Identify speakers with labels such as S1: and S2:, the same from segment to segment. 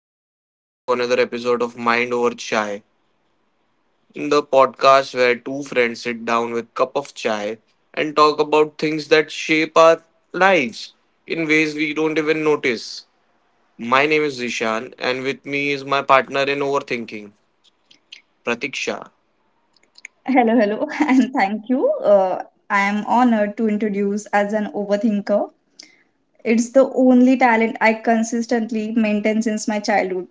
S1: and welcome back to another episode of Mind Over Chai, the podcast where two friends sit down with cup of chai and talk about things that shape our lives in ways we don't even notice. My name is Zishan, and with me is my partner in overthinking, Pratiksha.
S2: Hello, hello, and thank you. I am honored to introduce as an overthinker. It's the only talent I consistently maintain since my childhood.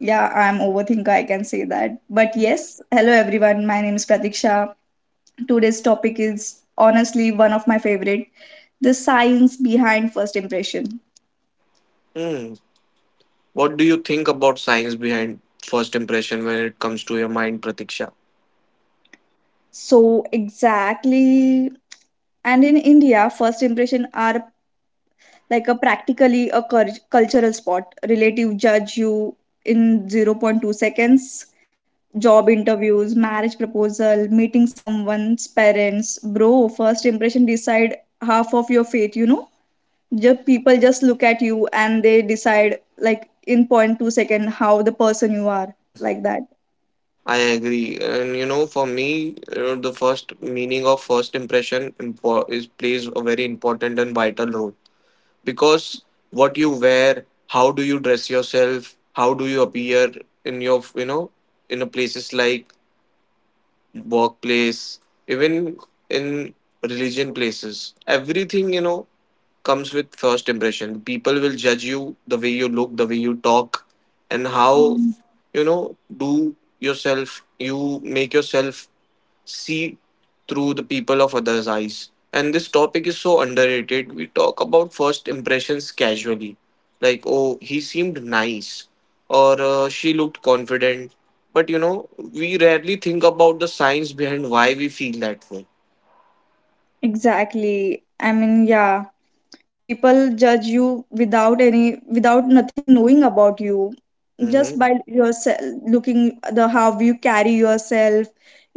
S2: Yeah, I'm overthinker, I can say that. But yes, hello everyone. My name is Pratiksha. Today's topic is honestly one of my favorite, the science behind first impression.
S1: Hmm, what do you think about science behind first impression when it comes to your mind, Pratiksha?
S2: So exactly, and in India, first impression are like a practically a cultural spot. Relative judge you in zero point 0.2 seconds. Job interviews, marriage proposal, meeting someone's parents. Bro, first impression decide half of your fate, you know? Just people just look at you and they decide like in point two second how the person you are like that.
S1: I agree. And you know, for me, the first meaning of first impression impo- is plays a very important and vital role because what you wear, how do you dress yourself, how do you appear in your, you know, in a places like workplace, even in religion places. Everything, you know, comes with first impression. People will judge you the way you look, the way you talk, and how,
S2: Mm.
S1: you know, do yourself, you make yourself see through the people of others' eyes. And this topic is so underrated. We talk about first impressions casually, like, oh, he seemed nice, or she looked confident. But you know, we rarely think about the science behind why we feel that way.
S2: Exactly. I mean, yeah, people judge you without nothing knowing about you, just
S1: Mm-hmm.
S2: by yourself looking the how you carry yourself,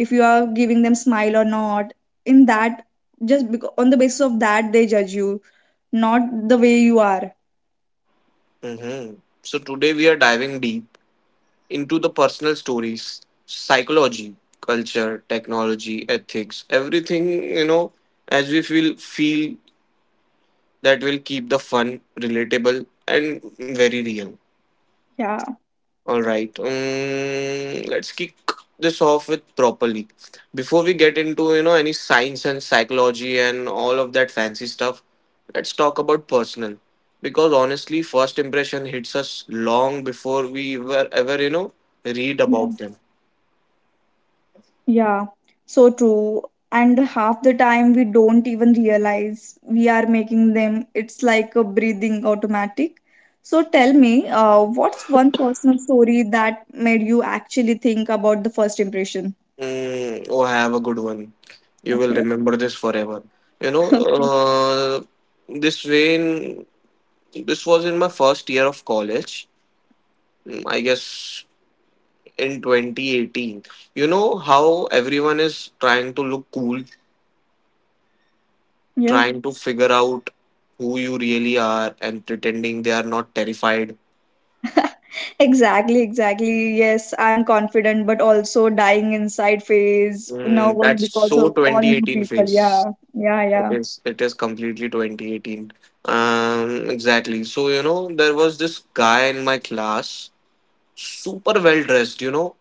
S2: if you are giving them smile or not in that, just because, on the basis of that they judge you, not the way you are.
S1: Mm-hmm. So today we are diving deep into the personal stories, psychology, culture, technology, ethics, everything you know as we feel that will keep the fun relatable and very real.
S2: Yeah,
S1: All right, let's kick this off with properly. Before we get into you know any science and psychology and all of that fancy stuff, let's talk about personal because honestly, first impression hits us long before we were ever you know read about
S2: yeah.
S1: them.
S2: Yeah, so true. And half the time we don't even realize we are making them. It's like a breathing automatic. So tell me, what's one personal story that made you actually think about the first impression?
S1: Mm, oh, have a good one. You will
S2: Okay.
S1: remember this forever. You know,
S2: Okay.
S1: this rain. This was in my first year of college, mm, I guess in 2018. You know how everyone is trying to look cool,
S2: Yeah.
S1: trying to figure out who you really are, and pretending they are not terrified.
S2: Exactly, exactly. Yes, I'm confident, but also dying inside phase
S1: Mm,
S2: nervous
S1: that's
S2: because
S1: so
S2: of all new
S1: 2018
S2: people.
S1: phase.
S2: Yeah, yeah, yeah.
S1: It is completely 2018. Exactly. So, you know, there was this guy in my class, super well dressed, you know,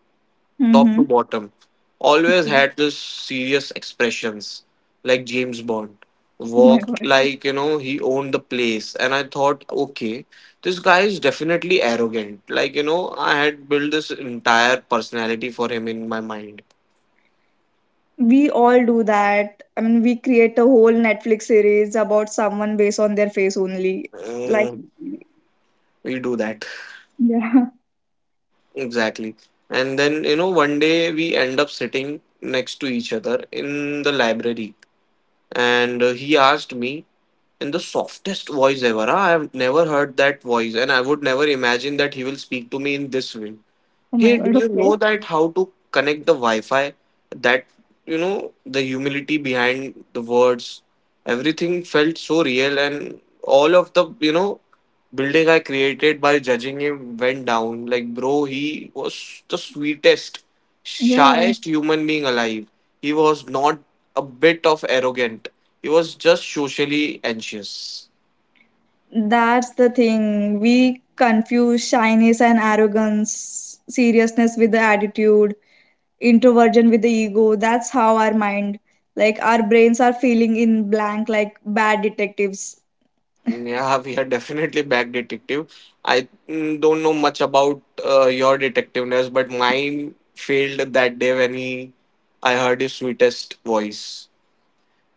S1: top to
S2: Mm-hmm.
S1: bottom, always
S2: Okay.
S1: had this serious expressions, like James Bond.
S2: Oh my
S1: Walked
S2: God.
S1: like, you know, he owned the place. And I thought, okay, this guy is definitely arrogant. Like, you know, I had built this entire personality for him in my mind.
S2: We all do that. I mean, we create a whole Netflix series about someone based on their face only. Like,
S1: Mm, we do that.
S2: yeah.
S1: Exactly. And then, you know, one day we end up sitting next to each other in the library. And he asked me in the softest voice ever. Huh? I have never heard that voice, and I would never imagine that he will speak to me in this way.
S2: Oh my
S1: Hey, do
S2: God.
S1: you know
S2: Okay.
S1: that how to connect the Wi-Fi? That you know the humility behind the words. Everything felt so real, and all of the you know building I created by judging him went down. Like bro, he was the sweetest,
S2: Yeah.
S1: shyest human being alive. He was not a bit of arrogant. He was just socially anxious.
S2: That's the thing. We confuse shyness and arrogance, seriousness with the attitude, introversion with the ego. That's how our mind, like, our brains are feeling in blank like bad detectives.
S1: Yeah, we are definitely back detective. I don't know much about your detectiveness, but mine failed that day when he, I heard his sweetest voice.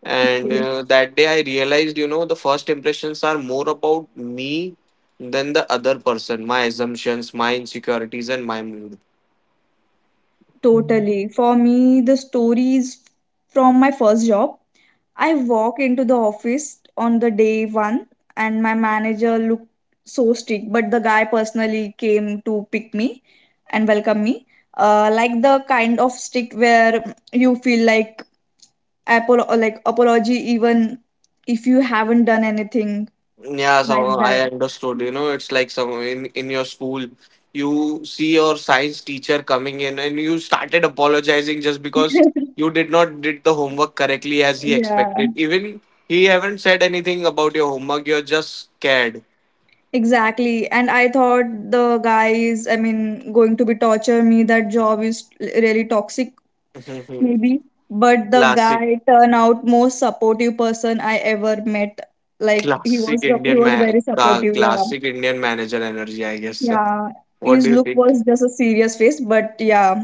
S1: And
S2: Okay.
S1: that day I realized, you know, the first impressions are more about me than the other person, my assumptions, my insecurities, and my mood.
S2: Totally. For me, the story is from my first job. I walk into the office on the day one, and my manager looked so strict, but the guy personally came to pick me and welcome me. Like the kind of strict where you feel like apol- or like apology even if you haven't done anything
S1: Yeah,
S2: like
S1: so I
S2: that.
S1: understood. You know, it's like some in your school, you see your science teacher coming in, and you started apologizing just because you did not did the homework correctly as he
S2: Yeah,
S1: expected. Even he haven't said anything about your homework. You're just scared.
S2: exactly. And I thought the guy is, I mean, going to be torture me, that job is really toxic maybe, but the
S1: Classic,
S2: guy turned out most supportive person I ever met. Like he
S1: classic
S2: was he
S1: Indian
S2: was
S1: man,
S2: very supportive. Yeah,
S1: classic Indian manager energy. I guess.
S2: yeah.
S1: What
S2: His
S1: do you
S2: look
S1: think?
S2: was just a serious face, but yeah,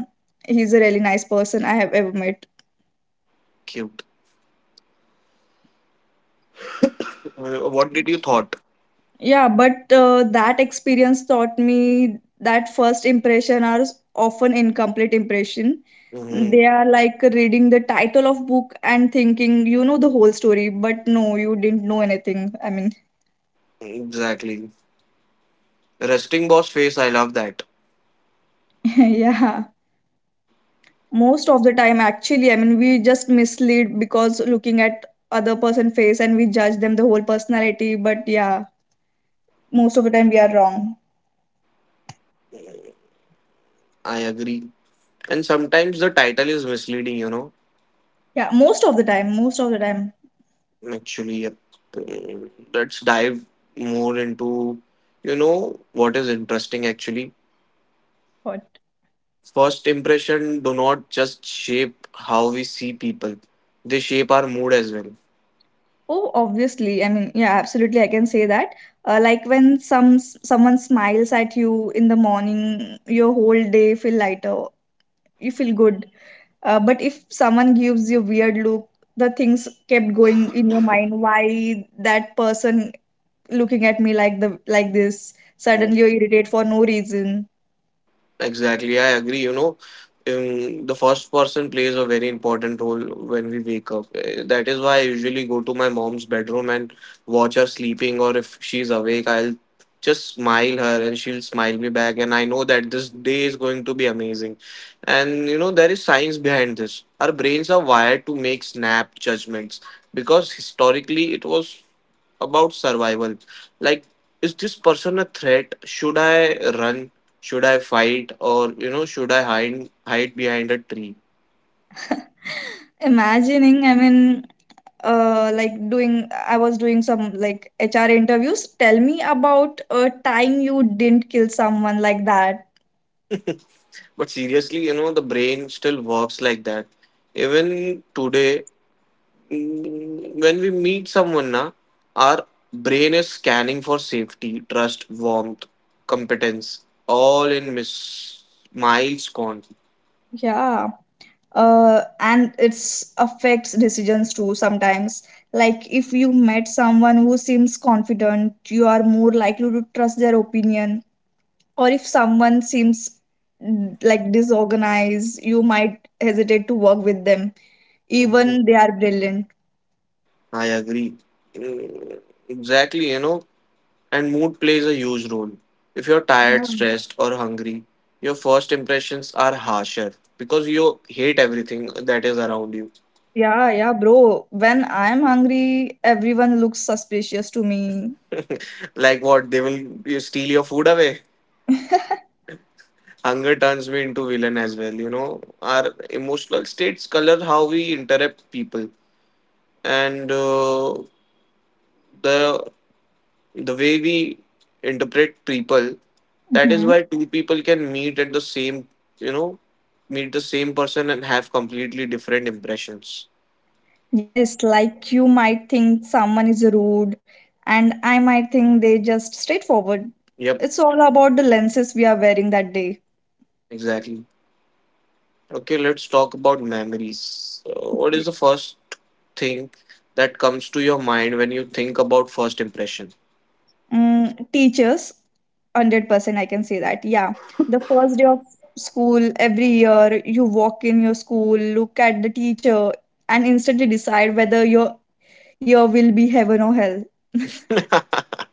S2: he's a really nice person I have ever met.
S1: Cute. What did you thought?
S2: Yeah, but that experience taught me that first impression are often incomplete impression.
S1: Hmm.
S2: They are like reading the title of book and thinking you know the whole story, but no, you didn't know anything, I mean.
S1: Exactly. Resting boss face. I love that.
S2: Yeah, most of the time actually, I mean we just mislead because looking at other person face and we judge them the whole personality, but yeah, most of the time we are wrong.
S1: I agree. And sometimes the title is misleading, you know.
S2: Yeah, most of the time, most of the time.
S1: Actually, yep. Mm, let's dive more into, you know, what is interesting actually.
S2: What?
S1: First impression do not just shape how we see people, they shape our mood as well.
S2: Oh obviously, I mean, yeah, absolutely, I can say that. Like when someone smiles at you in the morning your whole day feel lighter, you feel good. But if someone gives you weird look, the things kept going in your mind, why that person looking at me like the like this, suddenly you irritate for no reason.
S1: Exactly, I agree. You know, the first person plays a very important role when we wake up. Eh, that is why I usually go to my mom's bedroom and watch her sleeping, or if she's awake, I'll just smile her and she'll smile me back. And I know that this day is going to be amazing. And you know, there is science behind this. Our brains are wired to make snap judgments because historically it was about survival. Like, is this person a threat? Should I run? Should I fight? Or, you know, should I hide behind a tree?
S2: Imagining, I mean, like doing I was doing some like HR interviews, tell me about a time you didn't kill someone, like that.
S1: But seriously, you know, the brain still works like that. Even today, mm, when we meet someone, na, our brain is scanning for safety, trust, warmth, competence, all in miss miles gone.
S2: Yeah. And it's affects decisions too sometimes. Like if you met someone who seems confident you are more likely to trust their opinion, or if someone seems, like, disorganized you might hesitate to work with them
S1: Mhm.
S2: even they are brilliant.
S1: I agree. Mm, exactly, you know, and mood plays a huge role. If you're tired,
S2: Hmm.
S1: stressed, or hungry, your first impressions are harsher because you hate everything that is around you.
S2: Yeah, yeah, bro, when I'm hungry everyone looks suspicious to me.
S1: Like what? They will you steal your food away. Hunger turns me into villain as well. You know, our emotional states color how we interrupt people, and the the way we interpret people. That is
S2: Mhm.
S1: why two people can meet at the same, you know, meet the same person and have completely different impressions.
S2: Yes, like you might think someone is rude and I might think they just straightforward.
S1: Yep,
S2: It's all about the lenses we are wearing that day.
S1: exactly. Okay, let's talk about memories. So what is the first thing that comes to your mind when you think about first impression?
S2: Mm, teachers, 100% I can say that. Yeah. The first day of school, every year, you walk in your school, look at the teacher, and instantly decide whether your year will be heaven or hell.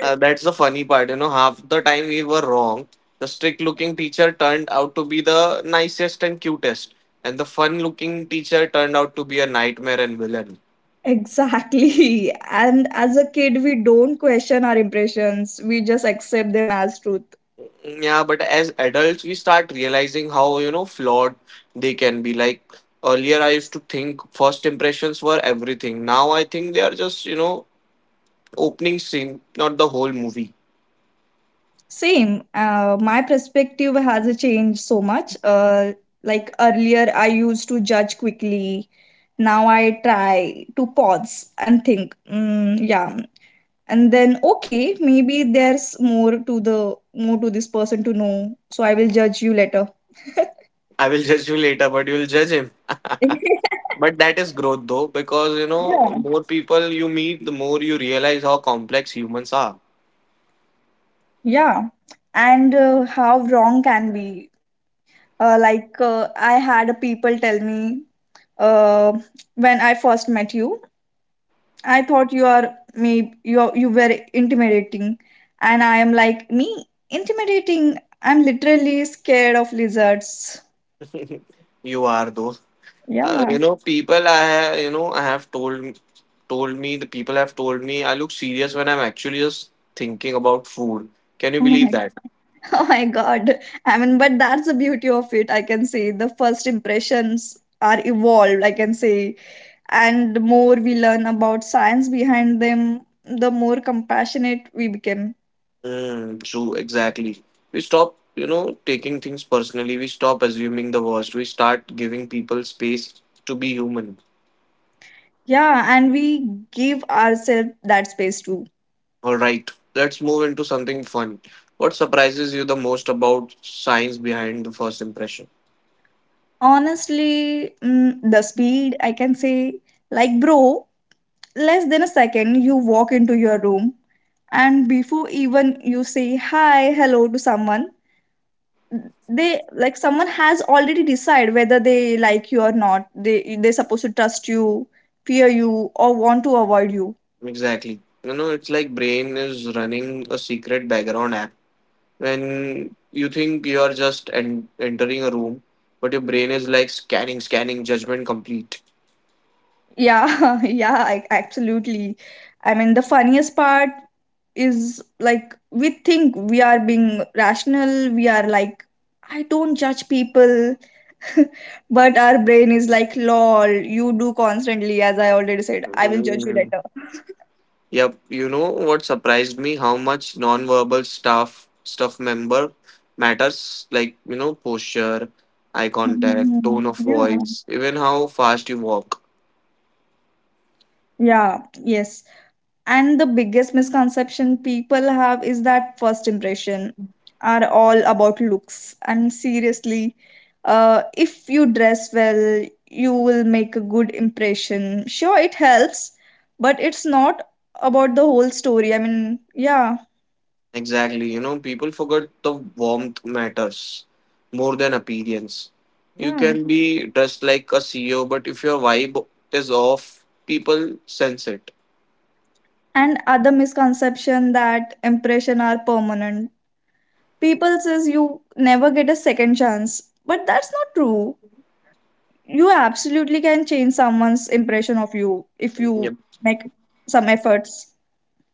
S1: That's the funny part, you know. Half the time we were wrong. The strict looking teacher turned out to be the nicest and cutest, and the fun looking teacher turned out to be a nightmare and villain.
S2: Exactly. And as a kid, we don't question our impressions, we just accept them as truth.
S1: Yeah, but as adults, we start realizing how, you know, flawed they can be. Like earlier, I used to think first impressions were everything. Now I think they are just, you know, opening scene, not the whole movie.
S2: Same. My perspective has changed so much. Like earlier, I used to judge quickly. Now I try to pause and think. Mm, yeah, and then okay, maybe there's more to this person to know. So I will judge you later.
S1: I will judge you later, but you will judge him. But that is growth though, because, you know,
S2: Yeah,
S1: more people you meet, the more you realize how complex humans are.
S2: yeah. And how wrong can be? I had people tell me uh, when I first met you. I thought you are me you you were intimidating, and I am like me intimidating. I'm literally scared of lizards.
S1: You are though. You
S2: Yeah.
S1: know, people I you know I have told told me the people have told me I look serious when I'm actually just thinking about food. Can you
S2: Oh
S1: believe
S2: my,
S1: that?
S2: oh my god. I mean, but that's the beauty of it. I can say the first impressions are evolved, I can say. And the more we learn about science behind them, the more compassionate we become.
S1: Mm, true, exactly. We stop, you know, taking things personally. We stop assuming the worst. We start giving people space to be human.
S2: Yeah, and we give ourselves that space too.
S1: All right, let's move into something fun. What surprises you the most about science behind the first impression?
S2: Honestly, the speed, I can say, like, bro, less than a second, you walk into your room, and before even you say hi, hello to someone, they like someone has already decided whether they like you or not. They're supposed to trust you, fear you, or want to avoid you.
S1: Exactly. You know, it's like brain is running a secret background app when you think you are just entering a room, but your brain is like scanning, scanning, judgment complete.
S2: Yeah, yeah, I, absolutely. I mean, the funniest part is like we think we are being rational, we are like, I don't judge people, but our brain is like, lol, you do constantly, as I already said, I will judge you
S1: Mm.
S2: later.
S1: Yep, you know what surprised me? How much non-verbal stuff member matters, like you know posture, eye contact,
S2: Mhm.
S1: tone of
S2: Yeah.
S1: voice, even how fast you walk.
S2: Yeah, yes. And the biggest misconception people have is that first impression are all about looks. I'm seriously, if you dress well, you will make a good impression. Sure, it helps, but it's not about the whole story. I mean, yeah,
S1: Exactly. You know, people forget the warmth matters more than appearance. You
S2: yeah.
S1: can be dressed like a CEO, but if your vibe is off, people sense it.
S2: And other misconception that impression are permanent. People says you never get a second chance, but that's not true, you absolutely can change someone's impression of you if you
S1: Yep.
S2: make some efforts.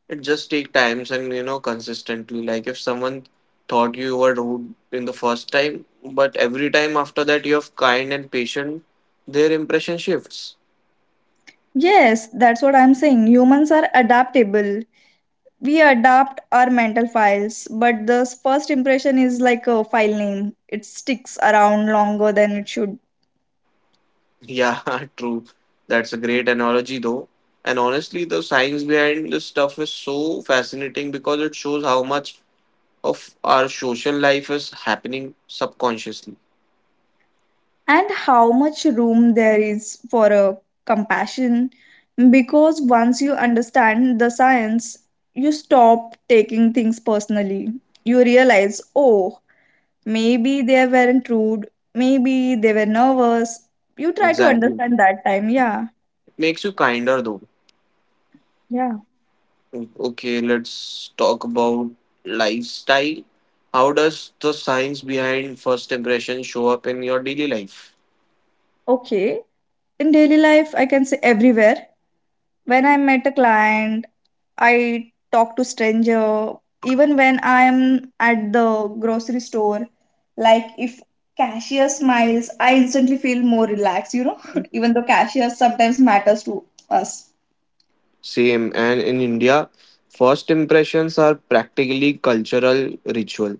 S1: It just takes times and you know consistently. Like if someone thought you were rude in the first time, but every time after that you have kind and patient, their impression shifts.
S2: Yes, that's what I'm saying. Humans are adaptable. We adapt our mental files, but the first impression is like a file name. It sticks around longer than it should.
S1: Yeah, true. That's a great analogy, though. And honestly, the science behind this stuff is so fascinating because it shows how much of our social life is happening subconsciously.
S2: And how much room there is for a compassion, because once you understand the science, you stop taking things personally. You realize, oh, maybe they weren't rude. Maybe they were nervous. You try to
S1: Exactly.
S2: understand that time. Yeah.
S1: It makes you kinder, though.
S2: Yeah.
S1: Okay, let's talk about lifestyle. How does the science behind first impression show up in your daily life?
S2: Okay. In daily life, I can say everywhere. When I met a client, I talk to stranger. Even when I am at the grocery store, like if cashier smiles, I instantly feel more relaxed, you know, even though cashier sometimes matters to us.
S1: Same. And in India, first impressions are practically cultural ritual.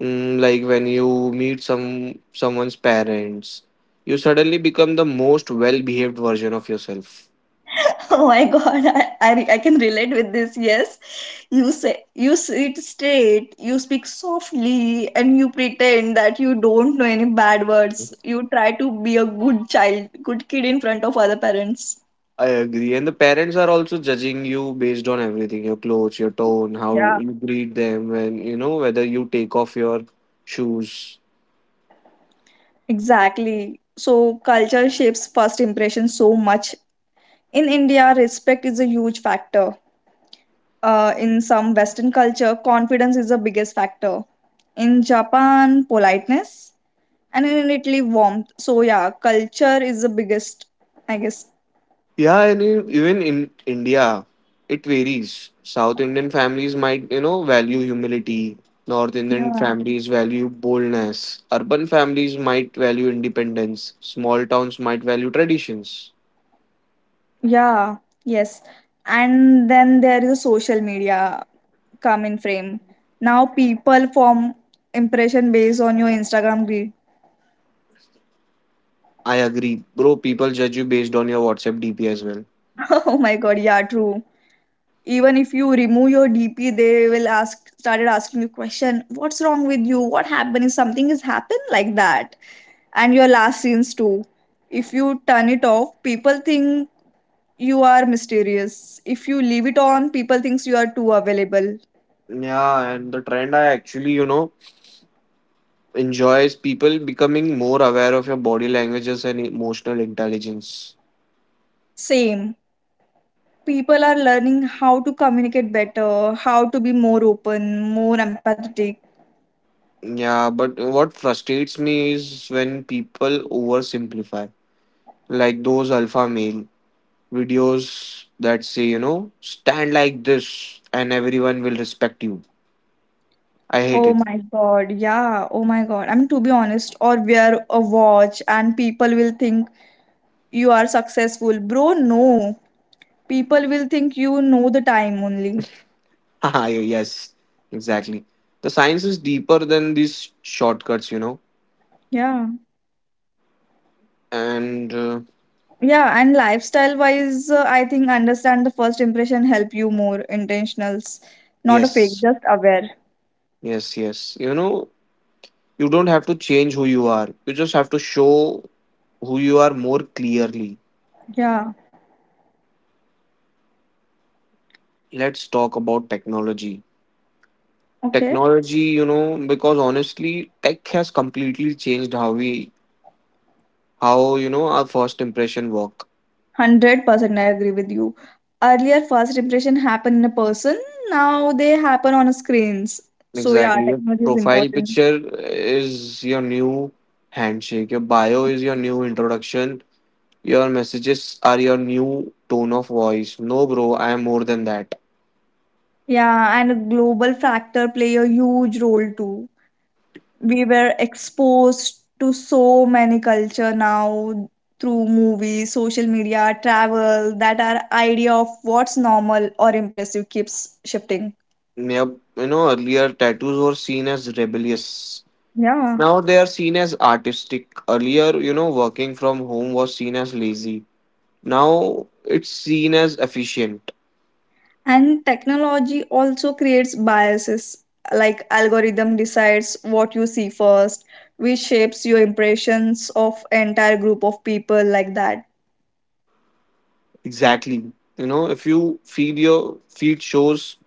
S1: Mm, like when you meet some someone's parents, you suddenly become the most well-behaved version of yourself.
S2: Oh my god, I can relate with this, yes. You say you sit straight, you speak softly, and you pretend that you don't know any bad words. You try to be a good child, good kid in front of other parents.
S1: I agree. And the parents are also judging you based on everything, your clothes, your tone, how
S2: Yeah.
S1: you greet them, and you know whether you take off your shoes.
S2: Exactly. So culture shapes first impression so much. In India, respect is a huge factor. In some Western culture, confidence is the biggest factor. In Japan, politeness, and in Italy, warmth. So yeah, culture is the biggest, I guess.
S1: Yeah, and in, even in India, it varies. South Indian families might, you know, value humility. North Indian
S2: Yeah.
S1: families value boldness. Urban families might value independence. Small towns might value traditions.
S2: Yeah, yes. And then there is social media come in frame. Now people form impression based on your Instagram grid.
S1: I agree. Bro, people judge you based on your WhatsApp DP as well.
S2: Oh my god, yeah, true. Even if you remove your DP, they will ask started asking you question, what's wrong with you? What happened? If something has happened like that. And your last scenes too. If you turn it off, people think you are mysterious. If you leave it on, people thinks you are too available.
S1: Yeah, and the trend I actually, you know, enjoy is people becoming more aware of your body languages and emotional intelligence.
S2: Same. People are learning how to communicate better, how to be more open, more empathetic.
S1: Yeah, but what frustrates me is when people oversimplify. Like those alpha male videos that say, you know, stand like this and everyone will respect you. I hate
S2: Oh
S1: it.
S2: my god, yeah, oh my god. I mean, to be honest, or wear a watch and people will think you are successful. Bro, no. People will think you know the time only.
S1: Haha, yes, exactly. The science is deeper than these shortcuts, you know.
S2: Yeah.
S1: And
S2: Yeah, and lifestyle wise, I think understand the first impression help you more intentionals, not a fake,
S1: yes,
S2: just aware.
S1: yes, yes. You know, you don't have to change who you are, you just have to show who you are more clearly.
S2: Yeah.
S1: Let's talk about technology.
S2: Okay.
S1: technology you know because honestly, tech has completely changed how our first impression work.
S2: 100% I agree with you. Earlier, first impression happened in a person. Now they happen on screens. So yeah,
S1: Exactly, your
S2: technology is
S1: profile
S2: important.
S1: picture is your new handshake, your bio is your new introduction, your messages are your new tone of voice. No bro, I am more than that.
S2: Yeah, and global factor play a huge role too. We were exposed to so many culture now through movies, social media, travel, that our idea of what's normal or impressive keeps shifting.
S1: Yep, earlier tattoos were seen as rebellious,
S2: Yeah.
S1: now they are seen as artistic. Earlier, working from home was seen as lazy, now it's seen as efficient.
S2: And technology also creates biases, like algorithm decides what you see first, which shapes your impressions of entire group of people like that.
S1: Exactly, if you feed your feed, shows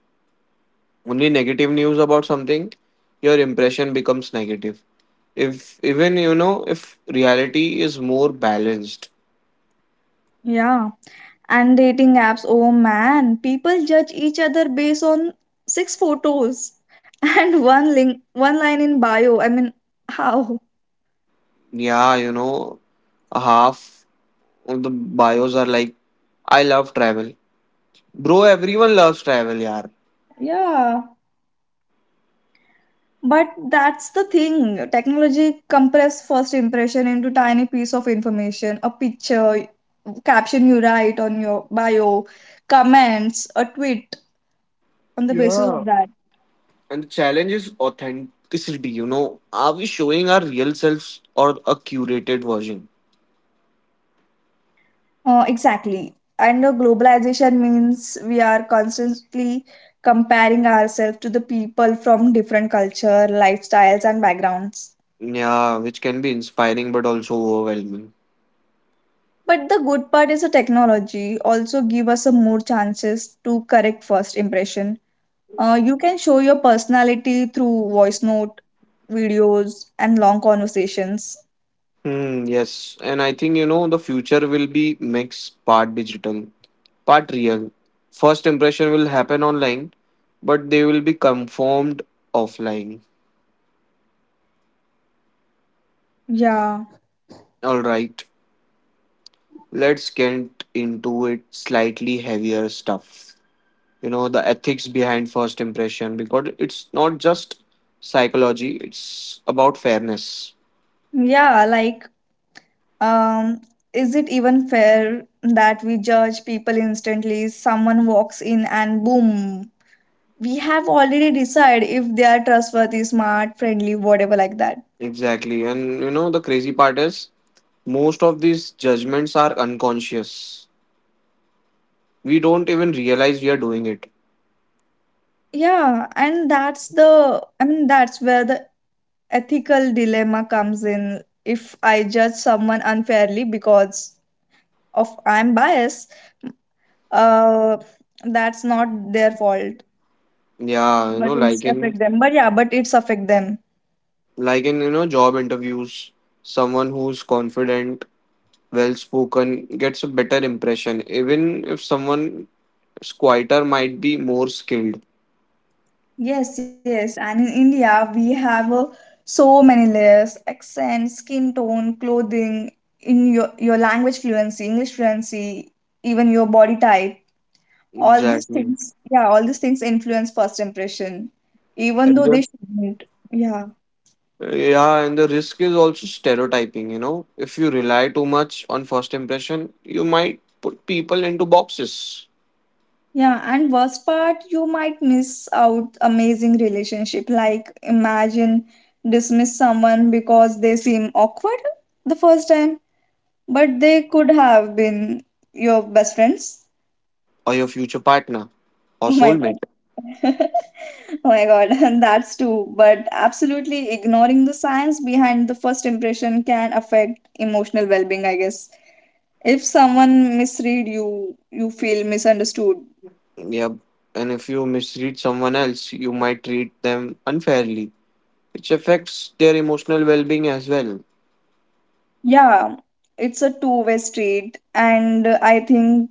S1: only negative news about something, your impression becomes negative, if even you know if reality is more balanced.
S2: Yeah. And dating apps, oh man, people judge each other based on 6 photos and one line in bio. I mean, how?
S1: Yeah, a half of the bios are like, "I love travel." Bro, everyone loves travel, yaar.
S2: Yeah. But that's the thing. Technology compress first impression into tiny piece of information, a picture, caption you write on your bio, comments, a tweet on the basis of
S1: Yeah,
S2: that.
S1: and the challenge is authenticity. Are we showing our real selves or a curated version?
S2: Exactly. And the globalization means we are constantly comparing ourselves to the people from different culture, lifestyles and backgrounds.
S1: Yeah, which can be inspiring but also overwhelming.
S2: But the good part is the technology also give us a more chances to correct first impression. You can show your personality through voice note, videos, and long conversations.
S1: Yes, and I think the future will be mix, part digital, part real. First impression will happen online, but they will be confirmed offline.
S2: Yeah.
S1: All right, let's get into it, slightly heavier stuff. You know, the ethics behind first impression, because it's not just psychology, it's about fairness.
S2: Yeah, um, is it even fair that we judge people instantly? Someone walks in and boom, we have already decided if they are trustworthy, smart, friendly, whatever like that.
S1: Exactly, and you know the crazy part is, most of these judgments are unconscious. We don't even realize we are doing it.
S2: Yeah, and I mean, that's where the ethical dilemma comes in. If I judge someone unfairly because of I'm biased, uh that's not their fault
S1: Yeah, you
S2: but
S1: know,
S2: it's
S1: like in
S2: affect them but yeah, but it's affect them.
S1: like in, you know, job interviews, someone who's confident, well spoken, gets a better impression. Even if someone is quieter, might be more skilled.
S2: Yes, and in india we have so many layers, accent, skin tone, clothing, in your language fluency, english fluency, even your body type, all these
S1: Exactly.
S2: things, yeah, all these things influence first impression even
S1: And
S2: though
S1: the
S2: they shouldn't. Yeah.
S1: yeah, and the risk is also stereotyping, you know. If you rely too much on first impression, you might put people into boxes,
S2: Yeah, and worst part, you might miss out amazing relationship. Like imagine dismiss someone because they seem awkward the first time, but they could have been your best friends.
S1: or your future partner, or
S2: Oh my god.
S1: soulmate.
S2: Oh my god, that's true. But absolutely ignoring the science behind the first impression can affect emotional well-being, I guess. If someone misread you, you feel misunderstood.
S1: Yep. And if you misread someone else, you might treat them unfairly, which affects their emotional well being as well.
S2: Yeah, it's a two-way street, and I think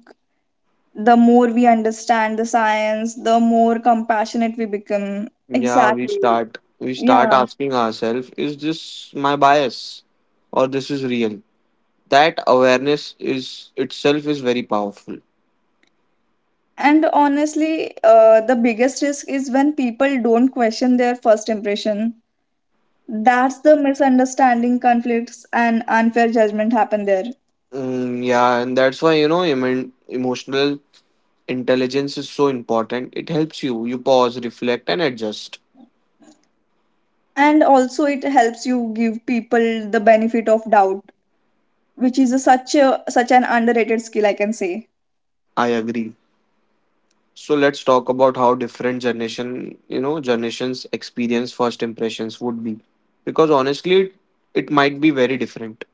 S2: the more we understand the science, the more compassionate we become.
S1: Yeah, we
S2: Exactly.
S1: start we start
S2: Yeah.
S1: asking ourselves, is this my bias? Or this is real? That awareness is itself is very powerful.
S2: And honestly, the biggest risk is when people don't question their first impression. That's the misunderstanding, conflicts, and unfair judgment happen there.
S1: Yeah, and that's why emotional intelligence is so important. It helps you. You pause, reflect, and adjust.
S2: And also, it helps you give people the benefit of doubt, which is such a such an underrated skill, I can say.
S1: I agree. So let's talk about how different generation, you know, generations experience first impressions would be. Because honestly, it might be very different.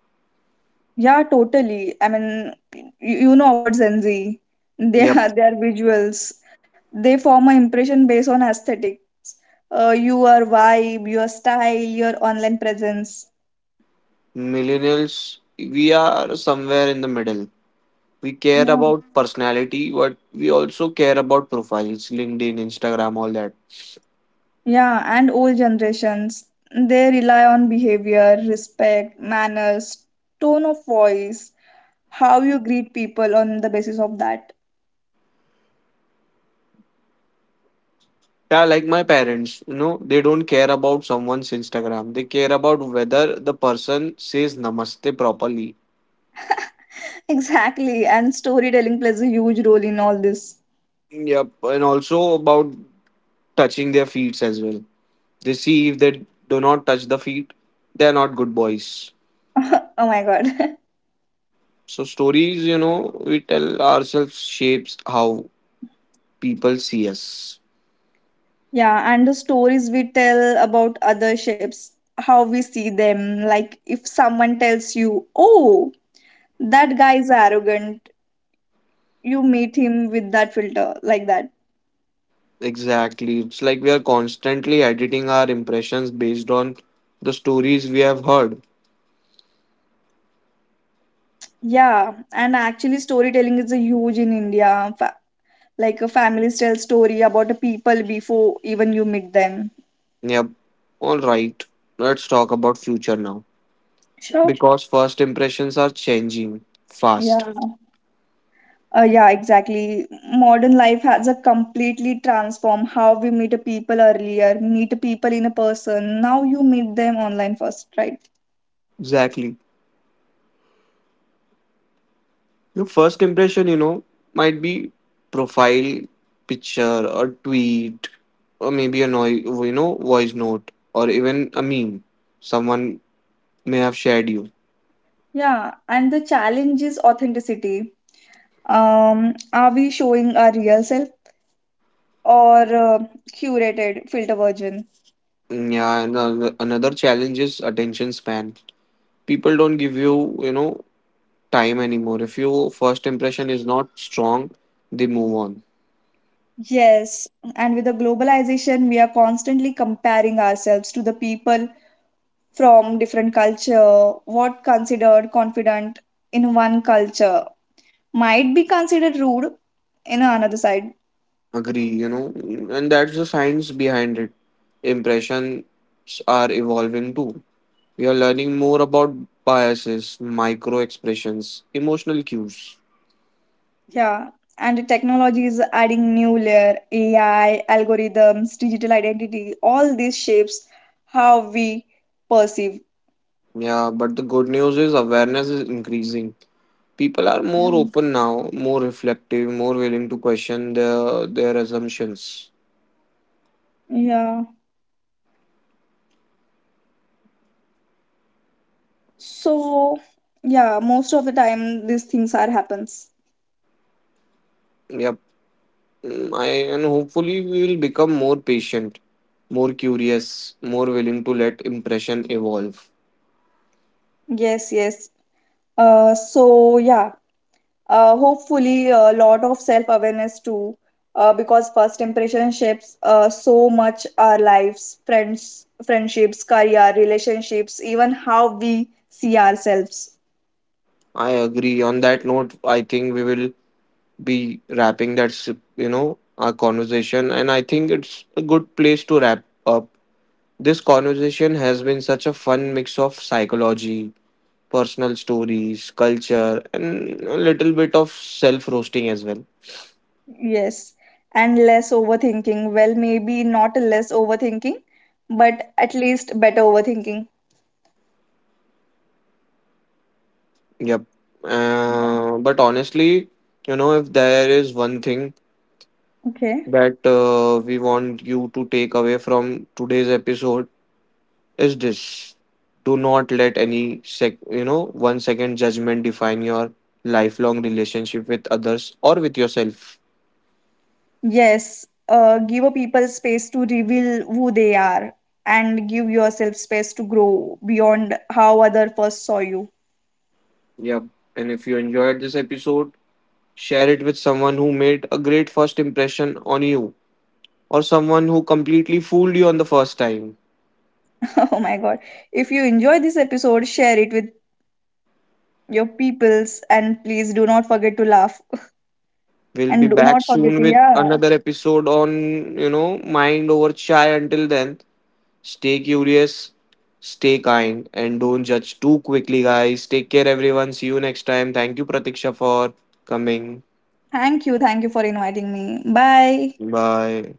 S2: Yeah, totally. I mean, you know about Gen Z. They are
S1: Yep.
S2: their visuals. They form an impression based on aesthetics. Your vibe, your style, your online presence.
S1: Millennials, we are somewhere in the middle. We care
S2: Yeah.
S1: about personality, but we also care about profiles, LinkedIn, Instagram, all that.
S2: Yeah, and old generations. They rely on behavior, respect, manners, tone of voice, how you greet people on the basis of that.
S1: Yeah, like my parents, you know, they don't care about someone's Instagram. They care about whether the person says namaste properly.
S2: Exactly. And storytelling plays a huge role in all this.
S1: Yep. And also about touching their feet as well. They see, if they do not touch the feet, they are not good boys.
S2: Oh my god.
S1: So stories, you know, we tell ourselves shapes how people see us.
S2: Yeah, and the stories we tell about other ships, how we see them. Like if someone tells you, oh, that guy is arrogant, you meet him with that filter, like that.
S1: Exactly. It's like we are constantly editing our impressions based on the stories we have heard.
S2: Yeah, and actually, storytelling is a huge in India. Like a families tell story about a people before even you meet them.
S1: Yep. All right. Let's talk about future now.
S2: Sure.
S1: Because first impressions are changing fast.
S2: Yeah. Yeah, exactly. Modern life has a completely transformed how we meet people earlier, meet people in a person. Now you meet them online first, right?
S1: Exactly. Your first impression, you know, might be profile picture, or tweet, or maybe a noise, you know, voice note, or even a meme someone may have shared you.
S2: Yeah, and the challenge is authenticity. Are we showing our real self or curated filter version?
S1: Yeah, and another challenge is attention span. People don't give you, you know, time anymore. If your first impression is not strong, they move on.
S2: Yes, and with the globalization, we are constantly comparing ourselves to the people from different culture, what considered confident in one culture might be considered rude in another side.
S1: Agree, you know, and that's the science behind it. Impressions are evolving too. We are learning more about biases, micro expressions, emotional cues.
S2: Yeah, and the technology is adding new layer, AI, algorithms, digital identity, all these shapes how we perceive.
S1: Yeah, but the good news is awareness is increasing. People are
S2: Yeah.
S1: more open now, more reflective, more willing to question their assumptions.
S2: Yeah. So, yeah, most of the time these things are happens.
S1: Yep. Mm, I and hopefully we will become more patient, more curious, more willing to let impression evolve.
S2: Yes, yes. Uh, so yeah, hopefully a lot of self awareness too, because first impression shapes so much our lives, friendships, career, relationships, even how we see ourselves.
S1: I agree. On that note, I think we will be wrapping that. Our conversation, and I think it's a good place to wrap up this conversation. Has been such a fun mix of psychology, personal stories, culture, and a little bit of self roasting as well.
S2: Yes, and less overthinking, well maybe not less overthinking, but at least better overthinking.
S1: Yep. But honestly, you know, if there is one thing
S2: Okay.
S1: that we want you to take away from today's episode, is this: do not let any sec you know 1 second judgment define your lifelong relationship with others or with yourself.
S2: Yes, give a people space to reveal who they are and give yourself space to grow beyond how other first saw you.
S1: Yep. And if you enjoyed this episode, share it with someone who made a great first impression on you, or someone who completely fooled you on the first time.
S2: Oh my god. If you enjoy this episode, share it with your peoples and please do not forget to laugh.
S1: We'll be
S2: And do
S1: back
S2: not forget
S1: soon
S2: to,
S1: with
S2: yeah.
S1: another episode on, you know, Mind Over Chai. Until then, stay curious, stay kind, and don't judge too quickly, guys. Take care, everyone. See you next time. Thank you, Pratiksha, for coming.
S2: Thank you. Thank you for inviting me. Bye.
S1: Bye.